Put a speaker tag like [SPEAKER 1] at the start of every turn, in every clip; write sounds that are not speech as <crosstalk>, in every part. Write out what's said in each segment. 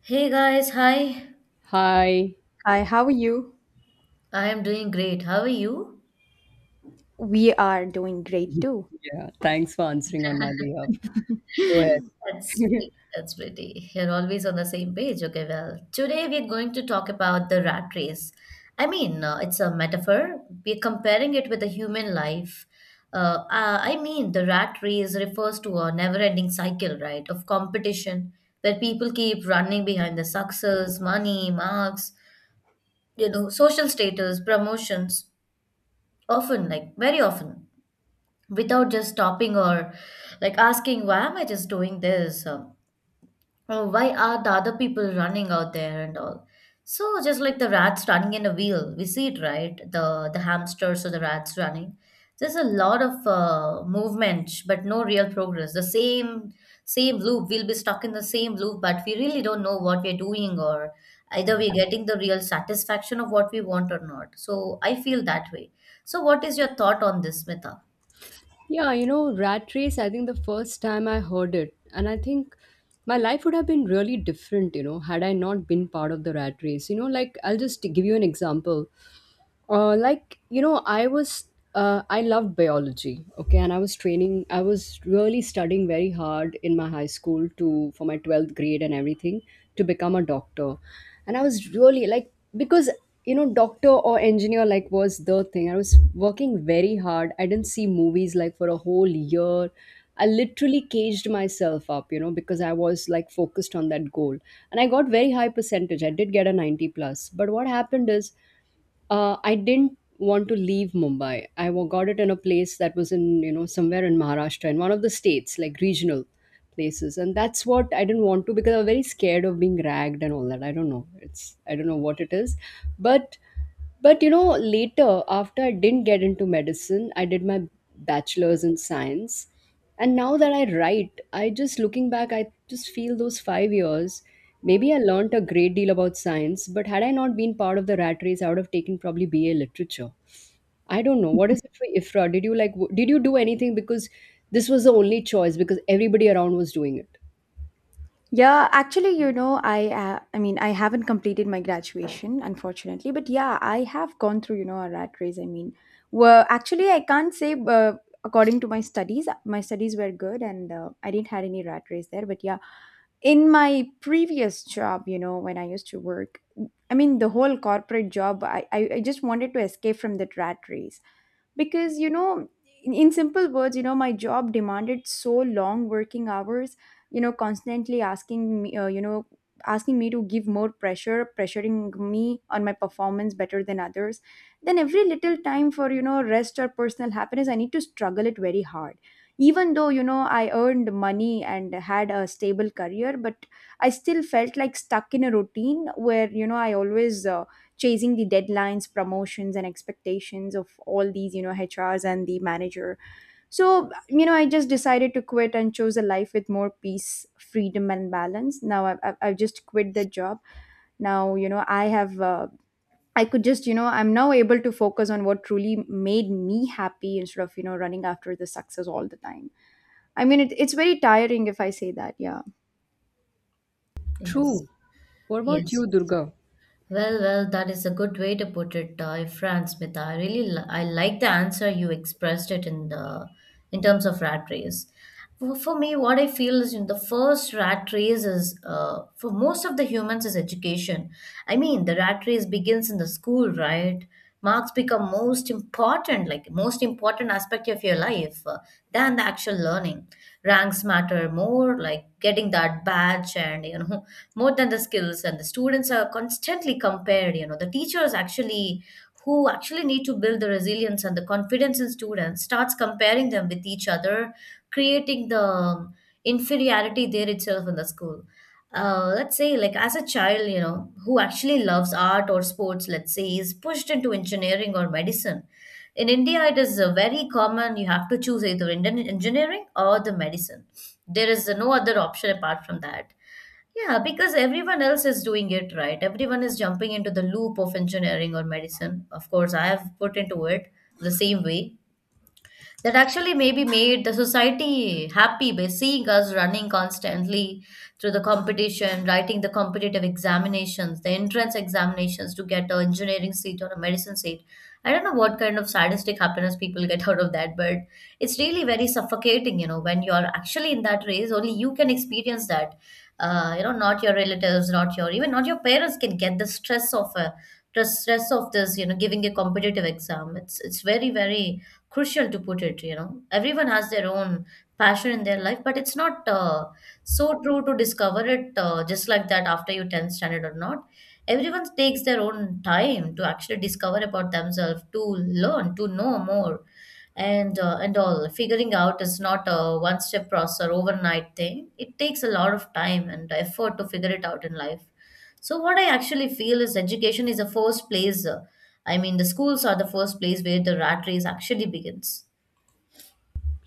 [SPEAKER 1] Hey guys, hi.
[SPEAKER 2] Hi.
[SPEAKER 3] Hi, how are you?
[SPEAKER 1] I am doing great. How are you?
[SPEAKER 3] We are doing great too.
[SPEAKER 2] Yeah, thanks for answering on my behalf. Go
[SPEAKER 1] That's
[SPEAKER 2] ahead. <laughs>
[SPEAKER 1] that's pretty. You're always on the same page. Okay, well, today we're going to talk about the rat race. It's a metaphor. We're comparing it with the human life. The rat race refers to a never-ending cycle, right, of competition where people keep running behind the success, money, marks, social status, promotions, often, like very often, without just stopping or like asking, "Why am I just doing this? Or oh, why are the other people running out there and all?" So just like the rats running in a wheel, we see it, right, the hamsters or the rats running, there's a lot of movement but no real progress. The same loop, we'll be stuck in the same loop, but we really don't know what we're doing or either we're getting the real satisfaction of what we want or not. So I feel that way. So what is your thought on this, Mita?
[SPEAKER 2] Yeah, you know, rat race, I think the first time I heard it, and I think my life would have been really different, you know, had I not been part of the rat race. You know, like I'll just give you an example. I was I loved biology. Okay, and I was training. I was really studying very hard in my high school to for my 12th grade and everything to become a doctor. And I was really like because you know doctor or engineer like was the thing. I was working very hard. I didn't see movies like for a whole year. I literally caged myself up, you know, because I was like focused on that goal. And I got very high percentage. I did get a 90 plus. But what happened is I didn't want to leave Mumbai. Got it in a place that was in, you know, somewhere in Maharashtra, in one of the states, like regional places. And that's what I didn't want to because I was very scared of being ragged and all that. I don't know. It's I don't know what it is. But you know, later after I didn't get into medicine, I did my bachelor's in science and now that I write, I just looking back, I just feel those 5 years, maybe I learned a great deal about science, but had I not been part of the rat race, I would have taken probably BA literature. I don't know what is it for Ifra. Did you like did you do anything because this was the only choice because everybody around was doing it?
[SPEAKER 3] Yeah, actually, you know, I haven't completed my graduation, unfortunately, but yeah, I have gone through, you know, a rat race. I can't say according to my studies were good and I didn't had any rat race there, but yeah, in my previous job, you know, when I used to work, I mean, the whole corporate job, I just wanted to escape from that rat race. Because you know in simple words you know my job demanded so long working hours, you know, constantly asking me you know asking me to give more pressure, pressuring me on my performance better than others. Then every little time for you know rest or personal happiness I need to struggle it very hard. Even though you know I earned money and had a stable career, but I still felt like stuck in a routine where you know I always chasing the deadlines, promotions and expectations of all these you know hrs and the manager. So you know I just decided to quit and chose a life with more peace, freedom and balance. Now I've just quit the job. Now you know I have I could just you know I'm now able to focus on what truly made me happy instead of you know running after the success all the time. I mean it's very tiring if I say that, yeah.
[SPEAKER 1] Yes.
[SPEAKER 2] True. What about
[SPEAKER 1] Yes,
[SPEAKER 2] you,
[SPEAKER 1] yes.
[SPEAKER 2] Durga?
[SPEAKER 1] Well, that is a good way to put it, friend Smita. I really li I like the answer. You expressed it in the in terms of rat race. For me, what I feel is, in the first, rat race is, for most of the humans, is education. I mean, the rat race begins in the school, right? Marks become most important, like most important aspect of your life, than the actual learning. Ranks matter more, like getting that badge, and you know, more than the skills, and the students are constantly compared. You know, the teachers, actually, who actually need to build the resilience and the confidence in students, starts comparing them with each other, creating the, inferiority there itself in the school. Uh, let's say, like, as a child, you know, who actually loves art or sports, let's say, is pushed into engineering or medicine. In India, it is, very common. You have to choose either Indian engineering or the medicine. There is, no other option apart from that. Yeah, because everyone else is doing it, right? Everyone is jumping into the loop of engineering or medicine. Of course, I have put into it the same way. That actually maybe made the society happy by seeing us running constantly through the competition, writing the competitive examinations, the entrance examinations to get an engineering seat or a medicine seat. I don't know what kind of sadistic happiness people get out of that, but it's really very suffocating, you know, when you're actually in that race, only you can experience that. You know, not your relatives, not your even not your parents can get the stress of a the stress of this, you know, giving a competitive exam. It's very, very crucial to put it, you know. Everyone has their own passion in their life, but it's not, so true to discover it, just like that after you 10th standard or not. Everyone takes their own time to actually discover about themselves, to learn, to know more, and, and all. Figuring out is not a one step process or overnight thing. It takes a lot of time and effort to figure it out in life. So what I actually feel is education is a first place. I mean, the schools are the first place where the rat race actually begins.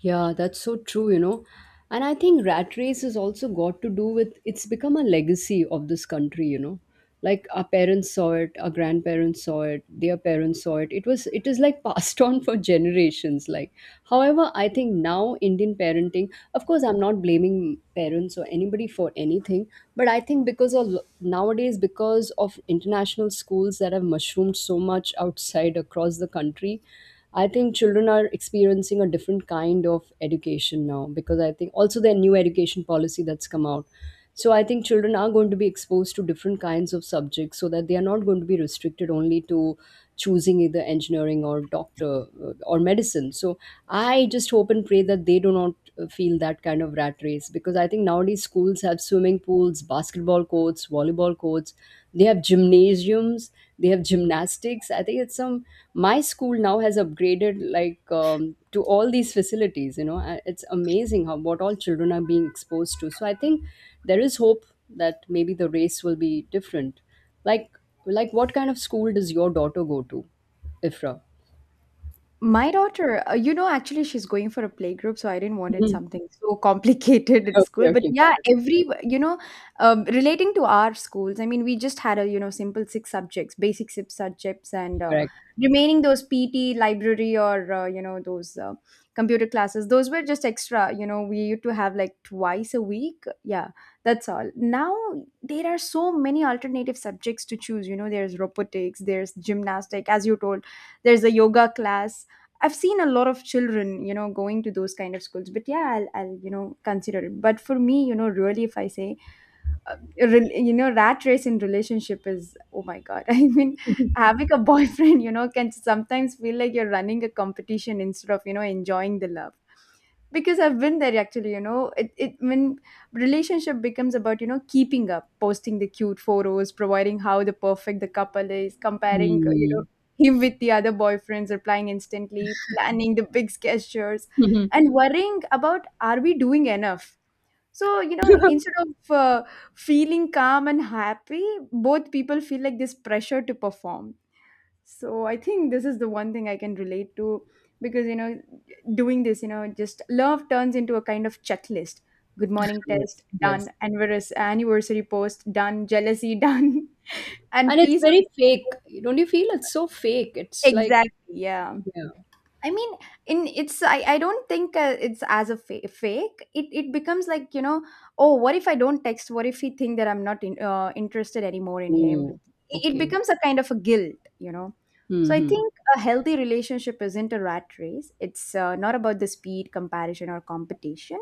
[SPEAKER 2] Yeah, that's so true, you know. And I think rat race has also got to do with it's become a legacy of this country, you know. Like our parents saw it, our grandparents saw it, their parents saw it. It was it is like <laughs> passed on for generations. Like, however, I think now Indian parenting, of course, I'm not blaming parents or anybody for anything, but I think because of nowadays, because of international schools that have mushroomed so much outside across the country, I think children are experiencing a different kind of education now because I think also their new education policy that's come out. So I think children are going to be exposed to different kinds of subjects so that they are not going to be restricted only to choosing either engineering or doctor or medicine. So I just hope and pray that they do not feel that kind of rat race because I think nowadays schools have swimming pools, basketball courts, volleyball courts, they have gymnasiums, they have gymnastics, I think it's some. My school now has upgraded like to all these facilities, you know, it's amazing how what all children are being exposed to, so I think there is hope that maybe the race will be different, like like what kind of school does your daughter go to, Ifra?
[SPEAKER 3] My daughter, you know, actually, she's going for a playgroup, so I didn't want it
[SPEAKER 2] Mhm.
[SPEAKER 3] something so <laughs> complicated at
[SPEAKER 2] Okay,
[SPEAKER 3] school. But
[SPEAKER 2] okay, got
[SPEAKER 3] yeah,
[SPEAKER 2] it.
[SPEAKER 3] every, you know, relating to our schools, I mean, we just had a, you know, simple six subjects, basic six subjects, and
[SPEAKER 2] Correct.
[SPEAKER 3] remaining those PT, library, or, you know, those computer classes, those were just extra. You know, we used to have like twice a week. Yeah, that's all. Now, there are so many alternative subjects to choose. You know, there's robotics, there's gymnastic, as you told, there's a yoga class. I've seen a lot of children, you know, going to those kind of schools. But yeah, I'll you know, consider it. But for me, you know, really, if I say, uh, you know, rat race in relationship is, oh my God. <laughs> I mean, having a <laughs> boyfriend, you know, can sometimes feel like you're running a competition instead of, you know, enjoying the love. Because I've been there actually, you know it when relationship becomes about you know keeping up, posting the cute photos, providing how the perfect the couple is, comparing you know
[SPEAKER 2] Hmm.
[SPEAKER 3] him with the other boyfriends, replying instantly, planning the big gestures
[SPEAKER 2] Mhm.
[SPEAKER 3] and worrying about are we doing enough. So you know instead of feeling calm and happy, both people feel like this pressure to perform. So I think this is the one thing I can relate to. Because you know doing this, you know, just love turns into a kind of checklist. Good morning
[SPEAKER 2] Yes,
[SPEAKER 3] test
[SPEAKER 2] yes.
[SPEAKER 3] done, anniversary anniversary post done, jealousy <laughs> done,
[SPEAKER 2] And
[SPEAKER 3] and
[SPEAKER 2] it's
[SPEAKER 3] peace of
[SPEAKER 2] very fake, don't you feel it's so fake, it's like
[SPEAKER 3] exactly, yeah.
[SPEAKER 2] yeah.
[SPEAKER 3] I mean, I don't think it's as a fake. It becomes like you know, oh, what if I don't text? What if he think that I'm not in, interested anymore in him?
[SPEAKER 2] Oh.
[SPEAKER 3] It
[SPEAKER 2] Okay.
[SPEAKER 3] becomes a kind of a guilt, you know. So I
[SPEAKER 2] Mhm.
[SPEAKER 3] think a healthy relationship isn't a rat race. It's not about the speed, comparison, or competition.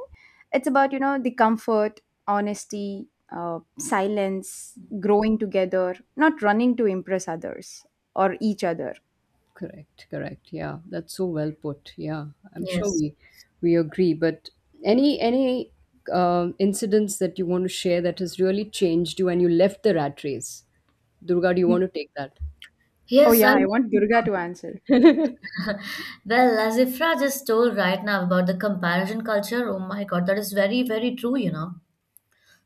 [SPEAKER 3] It's about you know the comfort, honesty, silence, growing together, not running to impress others or each other.
[SPEAKER 2] Correct, correct. Yeah, that's so well put. Yeah, I'm sure
[SPEAKER 1] Yes.
[SPEAKER 2] we agree. But any incidents that you want to share that has really changed you and you left the rat race, Durga? Do you
[SPEAKER 3] Mm.
[SPEAKER 2] want to take that?
[SPEAKER 3] Oh
[SPEAKER 1] Yes,
[SPEAKER 3] yeah,
[SPEAKER 1] I
[SPEAKER 3] I want
[SPEAKER 1] mean,
[SPEAKER 3] Durga to answer.
[SPEAKER 1] <laughs> well, as Ifra just told right now about the comparison culture, oh my God, that is very, very true, you know.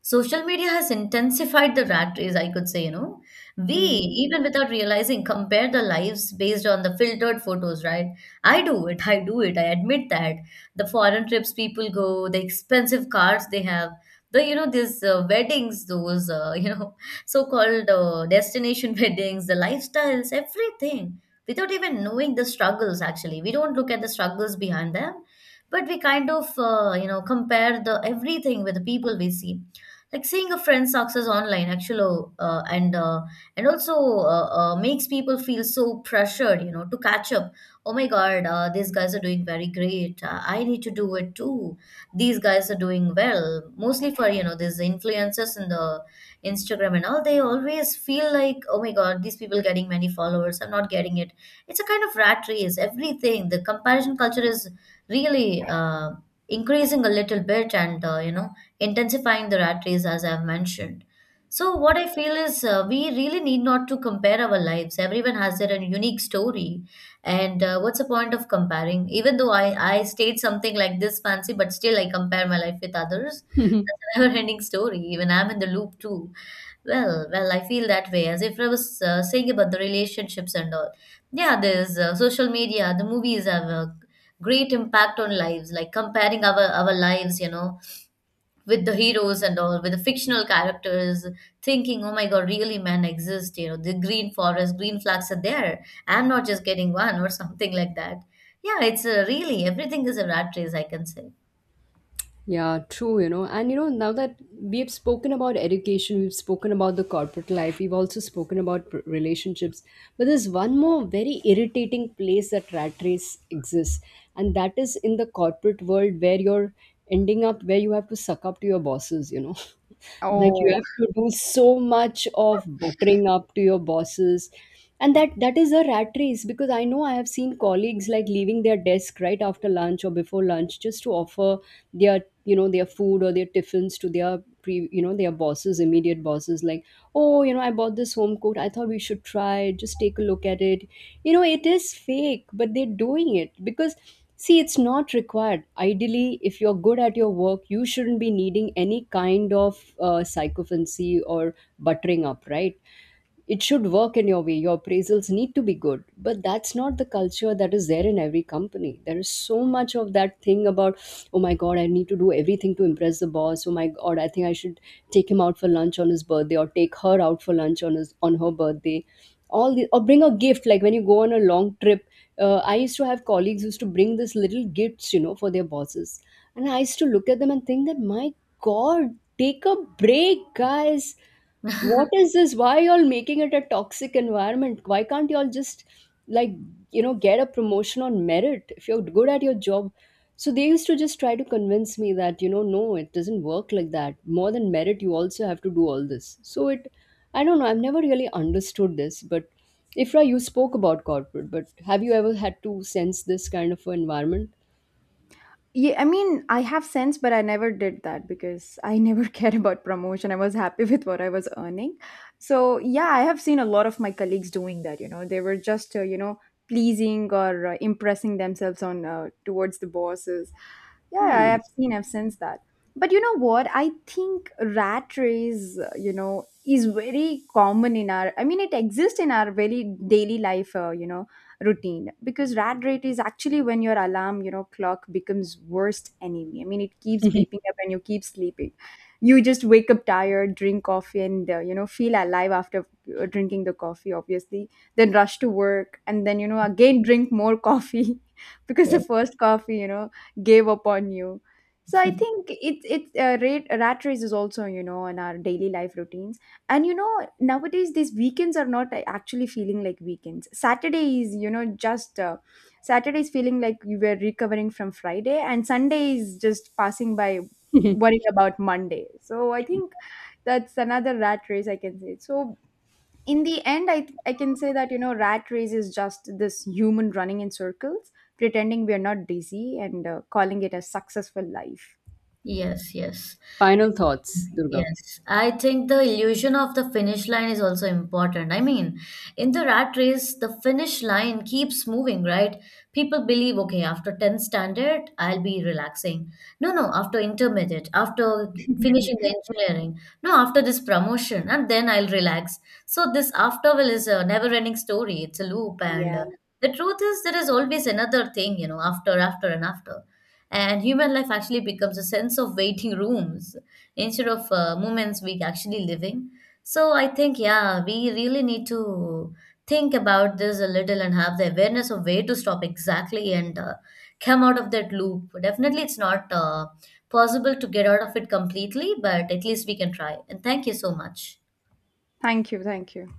[SPEAKER 1] Social media has intensified the rat race, I could say, you know. We,
[SPEAKER 3] Mm.
[SPEAKER 1] even without realizing, compare the lives based on the filtered photos, right? I do it, I admit that. The foreign trips people go, the expensive cars they have, the, you know, these, weddings, those, <laughs> you know, so-called, destination <laughs> weddings, the lifestyles, everything, without even knowing the struggles, actually. We don't look at the struggles behind them, but we kind of, you know, compare the everything with the people we see, like seeing a friend's success online actually, and also, makes people feel so pressured, you know, to catch up. Oh my god, these guys are doing very great, I need to do it too. These guys are doing well, mostly for, you know, these influencers in the Instagram and all. They always feel like, oh my god, these people getting many followers, I'm not getting it. It's a kind of rat race. Everything, the comparison culture is really, increasing a little bit, and, you know, intensifying the rat race, as I've mentioned. So, what I feel is, we really need not to compare our lives. Everyone has their own unique story. And, what's the point of comparing? Even though I state something like this fancy, but still I compare my life with others. <laughs>
[SPEAKER 2] <laughs>
[SPEAKER 1] That's a never ending story. Even I'm in the loop too. Well, I feel that way. As if I was, saying about the relationships and all. Yeah, there's, social media, the movies have a great impact on lives, like comparing our lives, you know, with the heroes and all, with the fictional characters, thinking, oh my god, really men exist, you know, the green forest, green flags are there. I'm not just getting one or something like that. Yeah, it's, really everything is a rat race, I can say.
[SPEAKER 2] Yeah, true, you know. And you know, now that we've spoken about education, we've spoken about the corporate life, we've also spoken about relationships, but there's one more very irritating place that rat race exists, and that is in the corporate world where you're ending up where you have to suck up to your bosses, you know. <laughs> Like
[SPEAKER 1] Mhm.
[SPEAKER 2] you
[SPEAKER 3] Oh,
[SPEAKER 2] have to do so much of buttering up to your bosses and that is a rat race because I know I have seen colleagues like leaving their desk right after lunch or before lunch just to offer their, you know, their food or their tiffins to their pre you know their bosses, immediate bosses, like oh, you know, I bought this home coat, I thought we should try it. Just take a look at it. You know it is fake, but they're doing it because See, it's not required. Ideally, if you're good at your work, you shouldn't be needing any kind of sycophancy or buttering up, right? It should work in your way. Your appraisals need to be good. But that's not the culture that is there in every company. There is so much of that thing about, oh my God, I need to do everything to impress the boss. Oh my God, I think I should take him out for lunch on his birthday or take her out for lunch on his on her birthday, all the or bring a gift like when you go on a long trip. I used to have colleagues used to bring these little gifts, you know, for their bosses, and I used to look at them and think that my God, take a break, guys, what is this, why y'all making it a toxic environment, why can't y'all just like you know get a promotion on merit if you're good at your job. So they used to just try to convince me that, you know, no it doesn't work like that, more than merit you also have to do all this, so it I don't know, I've never really understood this. But Ifra, you spoke about corporate, but have you ever had to sense this kind of environment?
[SPEAKER 3] yeah. I mean, I have sense, but I never did that because I never <laughs> cared about promotion. I was happy with what I was earning. So, yeah, I have seen a lot of my colleagues doing that. You know, they were just, you know, pleasing or impressing themselves on towards the bosses. Yeah, I
[SPEAKER 2] Hmm.
[SPEAKER 3] have seen, I've sensed that. But you know what? I think rat race, you know, is very common in our, I mean, it exists in our very daily life, you know routine. Because rat rate is actually when your alarm you know clock becomes worst enemy. I mean it keeps beeping up and you keep sleeping. You just wake up tired, drink coffee and you know feel alive after drinking the coffee, obviously. Then rush to work and then you know again drink more coffee <laughs> because the
[SPEAKER 1] Yes.
[SPEAKER 3] first coffee you know gave up on you. So I think rat race is also you know in our daily life routine. And you know nowadays these weekends are not actually feeling like weekends. Saturday is feeling like you were recovering from friday and sunday is just passing by worrying about monday. So I think that's another rat race I can say. So in the end i can say that you know rat race is just this human running in circles, pretending we are not busy and calling it a successful life.
[SPEAKER 1] Yes, yes.
[SPEAKER 2] <laughs> Final thoughts, Durga?
[SPEAKER 1] Yes, I think the illusion of the finish line is also important. I mean, in the rat race, the finish line keeps moving, right? People believe, okay, after 10th standard, I'll be relaxing. No, no, after intermediate, after finishing the
[SPEAKER 3] <laughs>
[SPEAKER 1] engineering, no, after this promotion, and then I'll relax. So this after will is a never-ending story. It's a loop, and,
[SPEAKER 3] Yeah.
[SPEAKER 1] the truth is there is always another thing, you know, after, after, and after. And human life actually becomes a sense of waiting rooms instead of, moments we actually living. So I think, yeah, we really need to think about this a little and have the awareness of where to stop exactly and, come out of that loop. Definitely, it's not, possible to get out of it completely, but at least we can try. And thank you so much.
[SPEAKER 3] Thank you. Thank you.